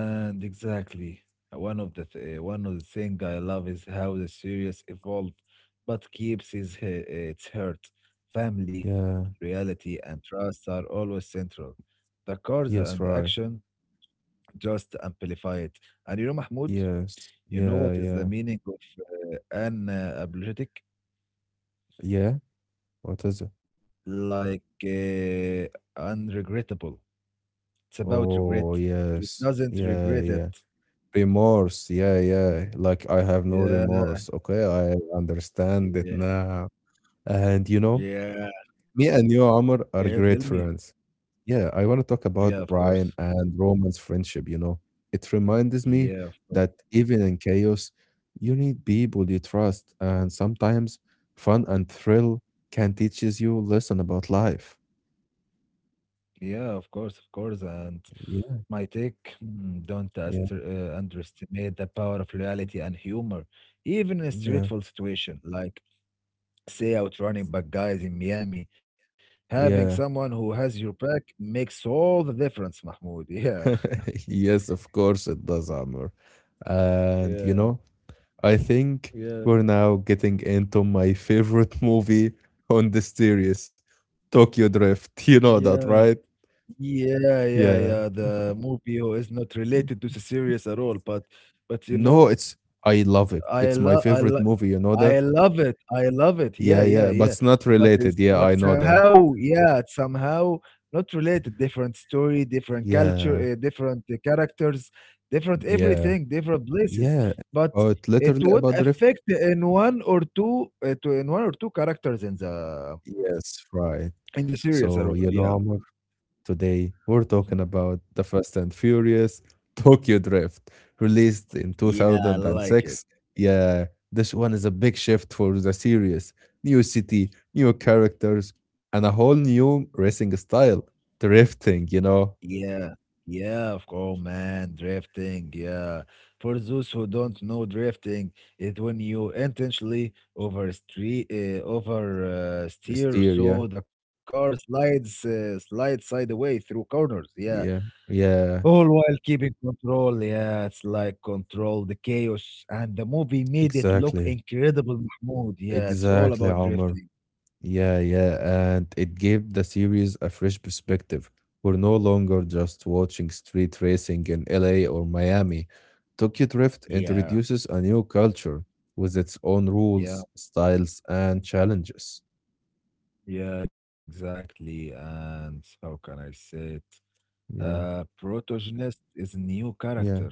Speaker 2: And exactly, one of the thing I love is how the series evolved, but its heart, family,
Speaker 1: Yeah.
Speaker 2: reality, and trust are always central. The cars
Speaker 1: Yes,
Speaker 2: and the
Speaker 1: right.
Speaker 2: action just amplify it. And you know, Mahmoud,
Speaker 1: Yes. Yeah,
Speaker 2: you know what
Speaker 1: yeah.
Speaker 2: is the meaning of an apologetic?
Speaker 1: Yeah. What is it?
Speaker 2: Like unregrettable. It's about
Speaker 1: Oh,
Speaker 2: regret.
Speaker 1: yes.
Speaker 2: He doesn't
Speaker 1: Yeah,
Speaker 2: regret
Speaker 1: yeah.
Speaker 2: it.
Speaker 1: Remorse. Yeah, yeah. Like I have no
Speaker 2: Yeah,
Speaker 1: remorse. Okay, I understand it
Speaker 2: yeah,
Speaker 1: now. And
Speaker 2: yeah.
Speaker 1: me and you,
Speaker 2: Can
Speaker 1: Amr,
Speaker 2: you
Speaker 1: are
Speaker 2: tell
Speaker 1: great
Speaker 2: me?
Speaker 1: friends. Yeah, I want to talk
Speaker 2: Yeah,
Speaker 1: about
Speaker 2: of course.
Speaker 1: Brian and Roman's friendship. It reminds me
Speaker 2: Yeah, of course.
Speaker 1: that even in chaos, you need people you trust, and sometimes fun and thrill can teaches you lesson about life.
Speaker 2: Yeah, of course, of course. And my take, don't
Speaker 1: Yeah,
Speaker 2: ast- uh, underestimate the power of reality and humor, even in a
Speaker 1: yeah,
Speaker 2: stressful situation, like say out running back guys in Miami. Having
Speaker 1: yeah.
Speaker 2: someone who has your back makes all the difference, Mahmoud. Yeah.
Speaker 1: Yes, of course it does, Amr. And
Speaker 2: Yeah.
Speaker 1: I think we're
Speaker 2: Yeah.
Speaker 1: now getting into my favorite movie on the series, Tokyo Drift. You know
Speaker 2: Yeah.
Speaker 1: that, right?
Speaker 2: Yeah, yeah, yeah.
Speaker 1: Yeah.
Speaker 2: The movie oh, is not related to the series at all, but you
Speaker 1: No,
Speaker 2: know,
Speaker 1: it's I love it.
Speaker 2: I
Speaker 1: It's my
Speaker 2: love, I
Speaker 1: favorite
Speaker 2: love,
Speaker 1: movie, you know that?
Speaker 2: I love it, Yeah,
Speaker 1: Yeah,
Speaker 2: yeah,
Speaker 1: yeah, but
Speaker 2: yeah.
Speaker 1: it's not
Speaker 2: But it's
Speaker 1: related. Yeah,
Speaker 2: but
Speaker 1: I know that.
Speaker 2: somehow, yeah, it's somehow not related. Different story, different
Speaker 1: Yeah,
Speaker 2: culture, different characters, different
Speaker 1: yeah,
Speaker 2: everything, different places.
Speaker 1: yeah. It's
Speaker 2: But
Speaker 1: about
Speaker 2: it
Speaker 1: literally
Speaker 2: would
Speaker 1: about drift.
Speaker 2: affect in one or two, to in one or two characters in the
Speaker 1: Yes,
Speaker 2: in
Speaker 1: right.
Speaker 2: the series at all.
Speaker 1: So
Speaker 2: Yeah,
Speaker 1: you know, Amr, today, we're
Speaker 2: Mm.
Speaker 1: talking about the Fast and Furious Tokyo Drift, released in
Speaker 2: yeah, I like it.
Speaker 1: 2006. Yeah, this one is a big shift for the series. New city, new characters, and a whole new racing style. Drifting,
Speaker 2: Yeah, yeah, of course, man. Drifting, yeah. For those who don't know, drifting is when you intentionally over steer,
Speaker 1: steer, yeah.
Speaker 2: so the car slides sideways through corners. Yeah,
Speaker 1: Yeah, yeah,
Speaker 2: all while keeping control. Yeah, it's like control the chaos, and the movie made it look
Speaker 1: exactly.
Speaker 2: incredible, Mahmoud. Yeah, it's all
Speaker 1: Exactly,
Speaker 2: about
Speaker 1: Omar.
Speaker 2: drifting.
Speaker 1: Yeah, yeah, and it gave the series a fresh perspective. We're no longer just watching street racing in LA or Miami. Tokyo Drift
Speaker 2: Yeah,
Speaker 1: introduces a new culture with its own
Speaker 2: yeah.
Speaker 1: rules, styles, and challenges.
Speaker 2: Yeah, exactly. And how can I say it?
Speaker 1: Yeah,
Speaker 2: Protagonist is a new
Speaker 1: yeah,
Speaker 2: character.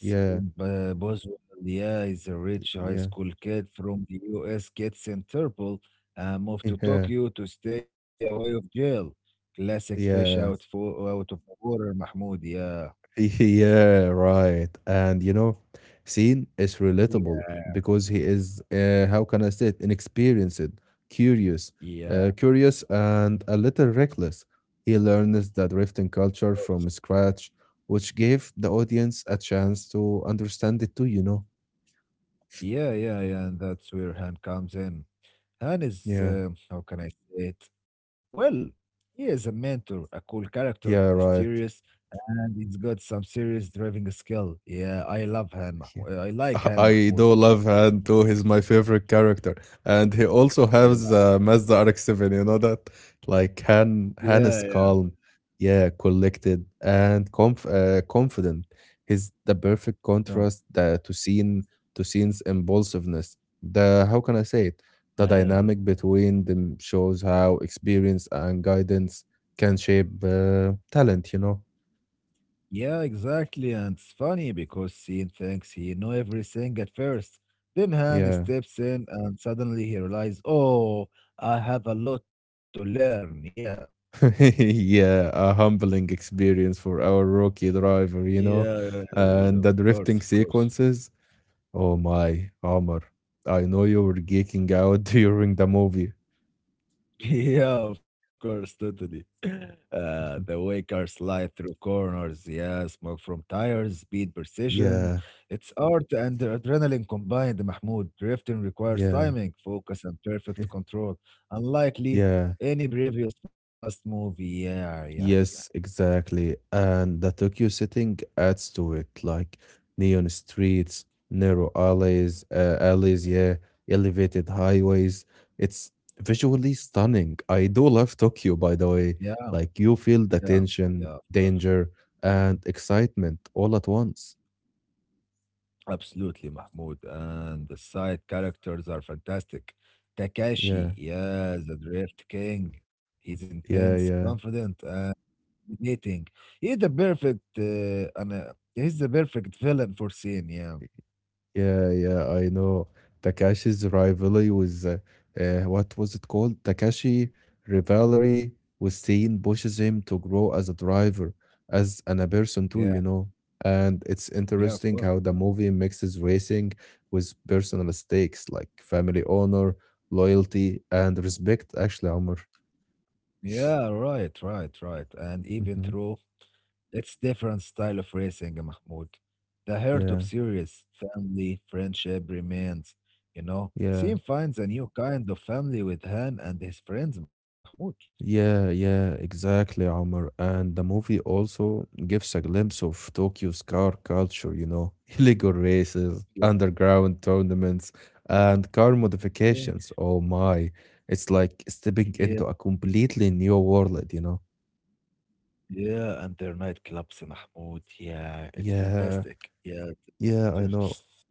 Speaker 1: yeah,
Speaker 2: Boswell, yeah, is a rich high
Speaker 1: yeah,
Speaker 2: school kid from the US, gets in trouble and moved to
Speaker 1: yeah,
Speaker 2: Tokyo to stay away of jail. Classic fish out
Speaker 1: yeah.
Speaker 2: for out of the water, Mahmoud. Yeah,
Speaker 1: Yeah, right. And Scene is relatable
Speaker 2: yeah,
Speaker 1: because he is, how can I say it, inexperienced, curious,
Speaker 2: yeah,
Speaker 1: uh,
Speaker 2: of
Speaker 1: curious and a little reckless. He learns the drifting culture
Speaker 2: course.
Speaker 1: from scratch, which gave the audience a chance to understand it too, you know?
Speaker 2: Yeah, yeah, yeah. And that's where Han comes in. Han is
Speaker 1: Yeah,
Speaker 2: how can I say it? Well, he is a mentor, a cool character,
Speaker 1: yeah, right.
Speaker 2: mysterious, and he's got some serious driving skill. Yeah, I love Han Mahmoud. I like Han
Speaker 1: I
Speaker 2: Mahmoud.
Speaker 1: do
Speaker 2: Yeah,
Speaker 1: love Hanto. He's my favorite character, and he also
Speaker 2: yeah,
Speaker 1: has Mazda RX-7. You know that, like Han.
Speaker 2: yeah,
Speaker 1: Han
Speaker 2: yeah.
Speaker 1: is calm, yeah, collected, and confident. He's the perfect
Speaker 2: No,
Speaker 1: contrast to scene's impulsiveness. The How can I say it? The
Speaker 2: well,
Speaker 1: dynamic between them shows how experience and guidance can shape talent. You know,
Speaker 2: yeah, exactly. And it's funny because Sean thinks he know everything at first. Then Han
Speaker 1: yeah.
Speaker 2: steps in, and suddenly he realizes, oh, I have a lot to learn. Yeah,
Speaker 1: Yeah, a humbling experience for our rookie driver, you
Speaker 2: yeah,
Speaker 1: know.
Speaker 2: yeah, yeah, yeah, of
Speaker 1: And the
Speaker 2: course, of
Speaker 1: drifting
Speaker 2: course.
Speaker 1: sequences. Oh my, Omar, I know you were geeking out during the movie.
Speaker 2: Yeah, of course, totally. The way cars slide through corners, yeah, smoke from tires, speed, precision.
Speaker 1: Yeah,
Speaker 2: It's art and adrenaline combined, Mahmoud. Drifting requires
Speaker 1: yeah,
Speaker 2: timing, focus, and perfect control. Unlikely
Speaker 1: yeah.
Speaker 2: any previous fast movie. Yeah, yeah, yeah,
Speaker 1: Yes, exactly. And the Tokyo setting adds to it, like neon streets, narrow alleys, yeah, elevated highways. It's visually stunning. I do love Tokyo, by the
Speaker 2: yeah,
Speaker 1: way. Like you feel
Speaker 2: yeah,
Speaker 1: the
Speaker 2: yeah, of
Speaker 1: tension,
Speaker 2: course.
Speaker 1: danger, and excitement all at once.
Speaker 2: Absolutely, Mahmoud. And the side characters are fantastic.
Speaker 1: Yeah,
Speaker 2: Takashi, yeah, the Drift King. He's intense,
Speaker 1: yeah, yeah.
Speaker 2: confident, dating. He's the perfect villain for scene. Yeah,
Speaker 1: Yeah, yeah, I know. Takashi's rivalry with what was it called? Takashi rivalry with Sein pushes him to grow as a driver, as and a person too,
Speaker 2: yeah,
Speaker 1: you know. And it's
Speaker 2: yeah. Of
Speaker 1: interesting
Speaker 2: course.
Speaker 1: how the movie mixes racing with personal stakes like family honor, loyalty, and respect, actually, Omar.
Speaker 2: Yeah, right, right, right. And even
Speaker 1: Hmm.
Speaker 2: through its different style of racing, Mahmoud, the heart
Speaker 1: Yeah,
Speaker 2: of serious family friendship remains. You know,
Speaker 1: yeah.
Speaker 2: Sim finds a new kind of family with Han and his friends, Mahmoud.
Speaker 1: Yeah, yeah, exactly, Omar. And the movie also gives a glimpse of Tokyo's car culture, illegal races,
Speaker 2: Yeah,
Speaker 1: underground tournaments, and car
Speaker 2: yeah,
Speaker 1: modifications. Oh my, it's like stepping
Speaker 2: yeah,
Speaker 1: into a completely new world, you know?
Speaker 2: yeah. And their nightclubs, Mahmoud. Yeah, it's
Speaker 1: Yeah,
Speaker 2: fantastic. Yeah,
Speaker 1: yeah,
Speaker 2: it
Speaker 1: I know.
Speaker 2: is.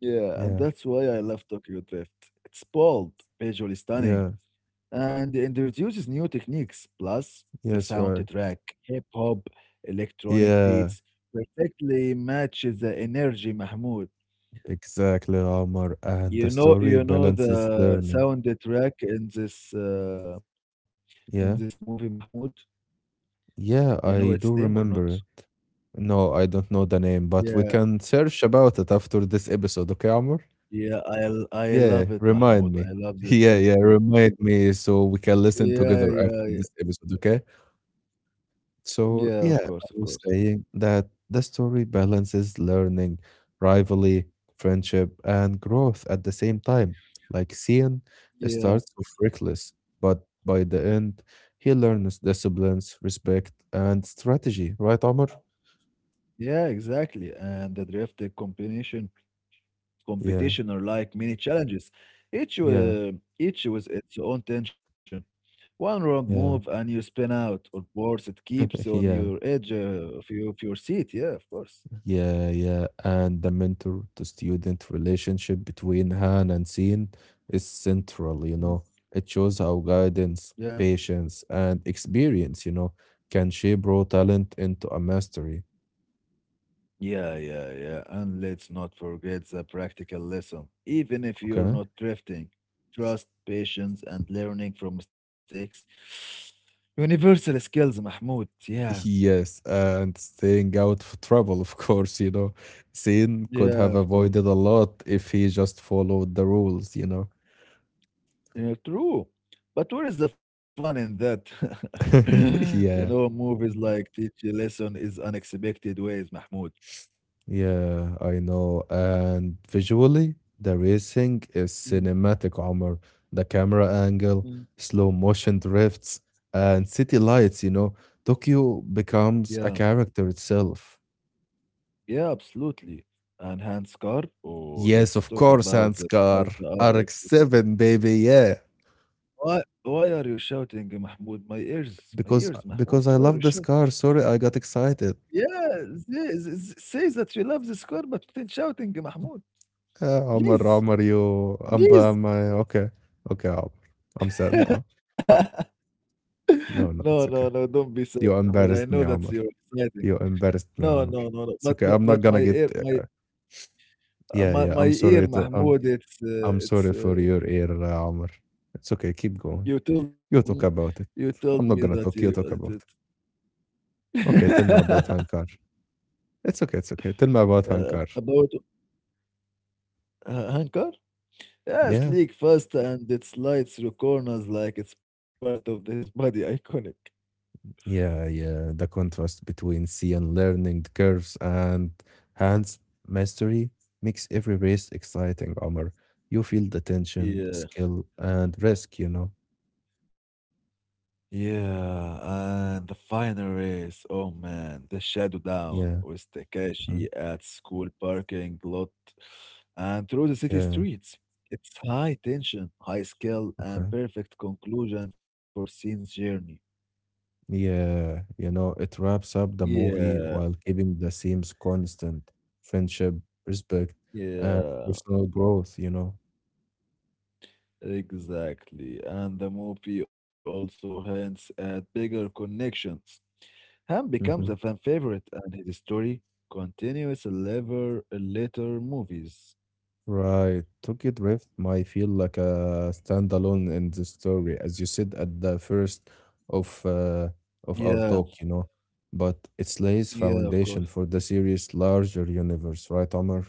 Speaker 2: Yeah, and
Speaker 1: Yeah,
Speaker 2: that's why I love Tokyo Drift. It's bold, visually stunning,
Speaker 1: yeah,
Speaker 2: and it introduces new techniques. Plus, the
Speaker 1: yes, right.
Speaker 2: soundtrack, hip hop, electronic
Speaker 1: Yeah,
Speaker 2: beats, perfectly matches the energy, Mahmoud.
Speaker 1: exactly, Omar. And the story
Speaker 2: You know
Speaker 1: balances
Speaker 2: the
Speaker 1: learning.
Speaker 2: soundtrack in this
Speaker 1: Yeah,
Speaker 2: movie, Mahmoud. You know
Speaker 1: yeah,
Speaker 2: its name or
Speaker 1: I do
Speaker 2: not?
Speaker 1: remember. No, I don't know the name, but
Speaker 2: Yeah,
Speaker 1: we can search about it after this episode, okay, Amr?
Speaker 2: yeah, I
Speaker 1: Yeah,
Speaker 2: love it,
Speaker 1: remind
Speaker 2: Mahmoud. I
Speaker 1: me.
Speaker 2: love this
Speaker 1: Yeah,
Speaker 2: song
Speaker 1: yeah,
Speaker 2: soundtrack.
Speaker 1: remind me so we can
Speaker 2: Yeah,
Speaker 1: listen
Speaker 2: yeah,
Speaker 1: together
Speaker 2: yeah.
Speaker 1: after this episode, okay? So,
Speaker 2: yeah, of
Speaker 1: yeah,
Speaker 2: course,
Speaker 1: I
Speaker 2: of
Speaker 1: was
Speaker 2: course.
Speaker 1: saying that the story balances learning, rivalry, friendship, and growth at the same time. Like Cian
Speaker 2: Yeah.
Speaker 1: starts off reckless, but by the end, he learns disciplines, respect, and strategy, right, Amr?
Speaker 2: Yeah, exactly. And the
Speaker 1: Yeah,
Speaker 2: competition are like mini challenges. Each
Speaker 1: yeah,
Speaker 2: uh, each with its own tension. One wrong move
Speaker 1: yeah.
Speaker 2: and you spin out, or worse, it keeps on your
Speaker 1: Yeah,
Speaker 2: edge of your seat. Yeah, of course.
Speaker 1: yeah, yeah. And the mentor to student relationship between Han and Sin is central.
Speaker 2: Mm.
Speaker 1: It shows how guidance,
Speaker 2: Yeah,
Speaker 1: patience, and experience, can shape raw talent into a mastery.
Speaker 2: yeah, yeah, yeah. And let's not forget the practical lesson. Even if
Speaker 1: Okay.
Speaker 2: you're not drifting, trust, patience, and learning from mistakes. Universal skills, Mahmoud. Yeah,
Speaker 1: Yes, and staying out of trouble, of course. Sin could have
Speaker 2: yeah, of
Speaker 1: avoided a
Speaker 2: course.
Speaker 1: lot if he just followed the rules.
Speaker 2: Yeah, true. But where is the fun in that? You
Speaker 1: Yeah.
Speaker 2: know, movies like teach a lesson is unexpected ways, Mahmoud.
Speaker 1: Yeah, I know. And visually, the racing is
Speaker 2: Mm,
Speaker 1: cinematic, Omar. The camera angle,
Speaker 2: mm.
Speaker 1: slow motion drifts, and city lights. Tokyo becomes
Speaker 2: Yeah,
Speaker 1: a character itself.
Speaker 2: yeah, absolutely. And Hans Carr, oh,
Speaker 1: Yes,
Speaker 2: let's
Speaker 1: of
Speaker 2: talk
Speaker 1: course,
Speaker 2: about
Speaker 1: Hans
Speaker 2: the
Speaker 1: car.
Speaker 2: Mazda rx.
Speaker 1: RX-7, baby, yeah.
Speaker 2: Why are you shouting, Mahmoud? My
Speaker 1: Because
Speaker 2: ears, Mahmoud.
Speaker 1: because I
Speaker 2: Why are
Speaker 1: love
Speaker 2: you
Speaker 1: this
Speaker 2: shouting?
Speaker 1: car. Sorry, I got excited.
Speaker 2: Yeah, say, say that you love this car, but then shouting, Mahmoud.
Speaker 1: Omar,
Speaker 2: Please,
Speaker 1: Omar, you
Speaker 2: please.
Speaker 1: okay. Okay, Omar. I'm sad now.
Speaker 2: No,
Speaker 1: No, no,
Speaker 2: no,
Speaker 1: it's
Speaker 2: no,
Speaker 1: okay.
Speaker 2: don't be sad,
Speaker 1: You
Speaker 2: Mahmoud. I know
Speaker 1: embarrassed me,
Speaker 2: that you're
Speaker 1: Omar.
Speaker 2: exciting.
Speaker 1: You embarrassed me,
Speaker 2: No,
Speaker 1: Omar.
Speaker 2: no, no, no.
Speaker 1: It's okay. I'm not
Speaker 2: But
Speaker 1: gonna
Speaker 2: my
Speaker 1: get.
Speaker 2: ear, my uh,
Speaker 1: Yeah,
Speaker 2: my
Speaker 1: yeah.
Speaker 2: my
Speaker 1: I'm
Speaker 2: ear,
Speaker 1: sorry to.
Speaker 2: Mahmoud. It's
Speaker 1: I'm
Speaker 2: it's.
Speaker 1: sorry for your ear, Omar. It's okay. Keep going.
Speaker 2: You told me,
Speaker 1: You talk
Speaker 2: you
Speaker 1: about it.
Speaker 2: told me
Speaker 1: I'm
Speaker 2: that
Speaker 1: not gonna
Speaker 2: you
Speaker 1: talk. You talk
Speaker 2: that-
Speaker 1: about it. Okay. Tell me about Hankar. It's okay. It's okay. Tell me about Hankar.
Speaker 2: about Hankar. Yeah,
Speaker 1: Yeah.
Speaker 2: sleek, fast, and it slides through corners like it's part of his body. Iconic.
Speaker 1: Yeah, yeah. The contrast between sea and learning curves and hands mastery makes every race exciting, Omar. You feel the tension,
Speaker 2: Yeah.
Speaker 1: skill, and risk, you know?
Speaker 2: Yeah, and the final race. Oh man, the shadow down
Speaker 1: Yeah.
Speaker 2: with Takashi
Speaker 1: Mhm.
Speaker 2: at school parking lot and through the city
Speaker 1: Yeah.
Speaker 2: streets. It's high tension, high skill,
Speaker 1: Okay.
Speaker 2: and perfect conclusion for Shin's journey.
Speaker 1: Yeah, it wraps up the movie
Speaker 2: Yeah,
Speaker 1: while keeping the themes constant, friendship, respect, and
Speaker 2: yeah,
Speaker 1: personal growth.
Speaker 2: exactly. And the movie also hints at bigger connections. Ham becomes a
Speaker 1: Hmm.
Speaker 2: fan favorite, and his story continues in later movies.
Speaker 1: Right. Tokyo Drift might feel like a standalone in the story, as you said at the first of uh, of
Speaker 2: Yeah,
Speaker 1: our talk. But it lays
Speaker 2: yeah, of
Speaker 1: foundation
Speaker 2: course.
Speaker 1: for the series' larger universe, right, Omar?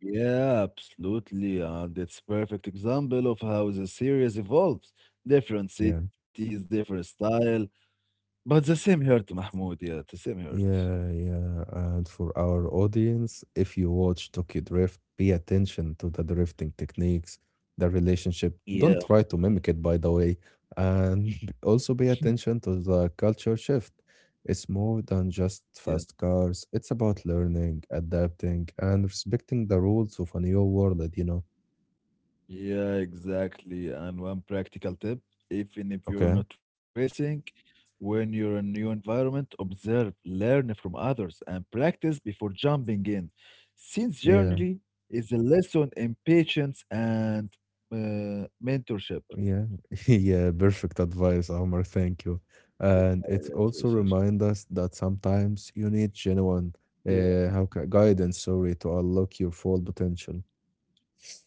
Speaker 2: Yeah, absolutely. And it's perfect example of how the series evolves. Different
Speaker 1: Yeah.
Speaker 2: cities, different style, but the same hurt, Mahmoud. Yeah, the same hurt.
Speaker 1: Yeah, yeah. And for our audience, if you watch Tokyo Drift, pay attention to the drifting techniques, the relationship.
Speaker 2: Yeah,
Speaker 1: Don't try to mimic it, by the way. And also pay attention to the culture shift. It's more than just
Speaker 2: yeah.
Speaker 1: fast cars, it's about learning, adapting, and respecting the rules of a new world.
Speaker 2: Yeah, exactly. And one practical tip, even if you're
Speaker 1: Okay.
Speaker 2: not racing, when you're in a new environment, observe, learn from others, and practice before jumping in. Since
Speaker 1: Yeah.
Speaker 2: journey is a lesson in patience and mentorship.
Speaker 1: Yeah, yeah, perfect advice, Omar. Thank you.
Speaker 2: Yeah,
Speaker 1: And
Speaker 2: it's
Speaker 1: it
Speaker 2: research.
Speaker 1: also reminds us that sometimes you need genuine
Speaker 2: Yeah,
Speaker 1: guidance, sorry, to unlock your full potential.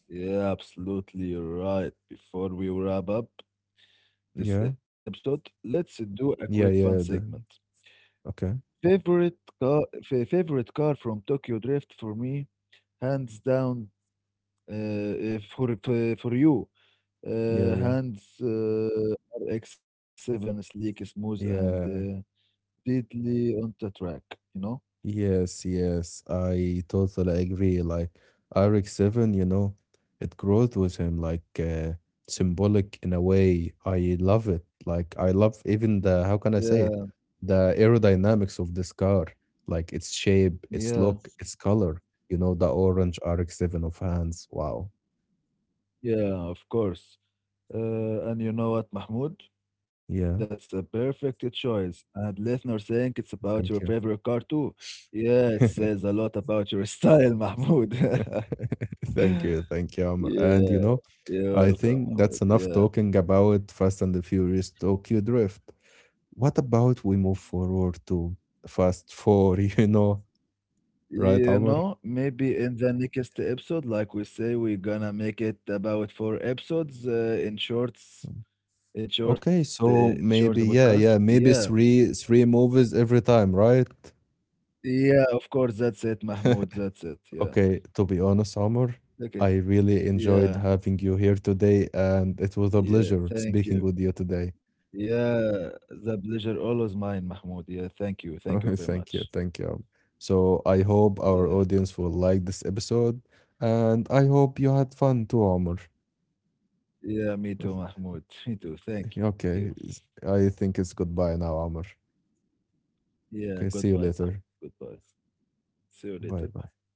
Speaker 2: yeah, absolutely. You're right. Before we wrap up this
Speaker 1: Yeah,
Speaker 2: episode, let's do a quick
Speaker 1: yeah,
Speaker 2: fun
Speaker 1: yeah.
Speaker 2: segment.
Speaker 1: Okay.
Speaker 2: Favorite car, favorite car from Tokyo Drift for me hands down, uh, for you,
Speaker 1: Yeah, yeah,
Speaker 2: hands RX-7 sleek, smooth, and
Speaker 1: yeah.
Speaker 2: deadly on the track. You know?
Speaker 1: Yes, yes, I totally agree. Like Eric Seven, it grows with him, like symbolic in a way. I love it. Like I love even the how can I
Speaker 2: Yeah,
Speaker 1: say it? The aerodynamics of this car, like its shape, its
Speaker 2: yeah,
Speaker 1: look, its color. The orange RX-7 of hands. Wow.
Speaker 2: yeah. Of course. And you know what, Mahmoud? That's
Speaker 1: Yeah.
Speaker 2: a perfect choice. And listeners think it's about your
Speaker 1: Thank you.
Speaker 2: favorite car too. Yeah, it says a lot about your style, Mahmoud.
Speaker 1: Thank you. Thank you, Amr. And
Speaker 2: yeah, you're
Speaker 1: I
Speaker 2: welcome,
Speaker 1: think
Speaker 2: Mahmoud.
Speaker 1: that's enough
Speaker 2: Yeah.
Speaker 1: talking about Fast and the Furious Tokyo Drift. What about we move forward to fast four, right,
Speaker 2: You
Speaker 1: Amr?
Speaker 2: know, maybe in the next episode, like we say, we're gonna make it about 4 episodes
Speaker 1: Okay,
Speaker 2: in
Speaker 1: so
Speaker 2: short
Speaker 1: maybe
Speaker 2: podcast.
Speaker 1: yeah, yeah,
Speaker 2: Yeah,
Speaker 1: maybe three movies every time, right?
Speaker 2: yeah, of course. That's it, Mahmoud. That's it. Yeah.
Speaker 1: Okay, to be honest, Amr,
Speaker 2: Okay.
Speaker 1: I really enjoyed
Speaker 2: Yeah.
Speaker 1: having you here today, and it was a pleasure
Speaker 2: Yeah.
Speaker 1: speaking
Speaker 2: Thank
Speaker 1: with you
Speaker 2: you.
Speaker 1: today.
Speaker 2: Yeah. The pleasure always mine, Mahmoud. Yeah. Thank you. Thank you very
Speaker 1: Thank you,
Speaker 2: much.
Speaker 1: thank you. So I hope our audience
Speaker 2: Yeah.
Speaker 1: will like this episode, and I hope you had fun too, Amr.
Speaker 2: Yeah. Me too, Mahmoud. Me too. Thank
Speaker 1: Okay,
Speaker 2: you.
Speaker 1: I think it's goodbye now, Amr. Okay,
Speaker 2: Yeah.
Speaker 1: see you
Speaker 2: Goodbye,
Speaker 1: later.
Speaker 2: Mahmoud. Goodbye. See
Speaker 1: Bye
Speaker 2: you
Speaker 1: bye.
Speaker 2: later.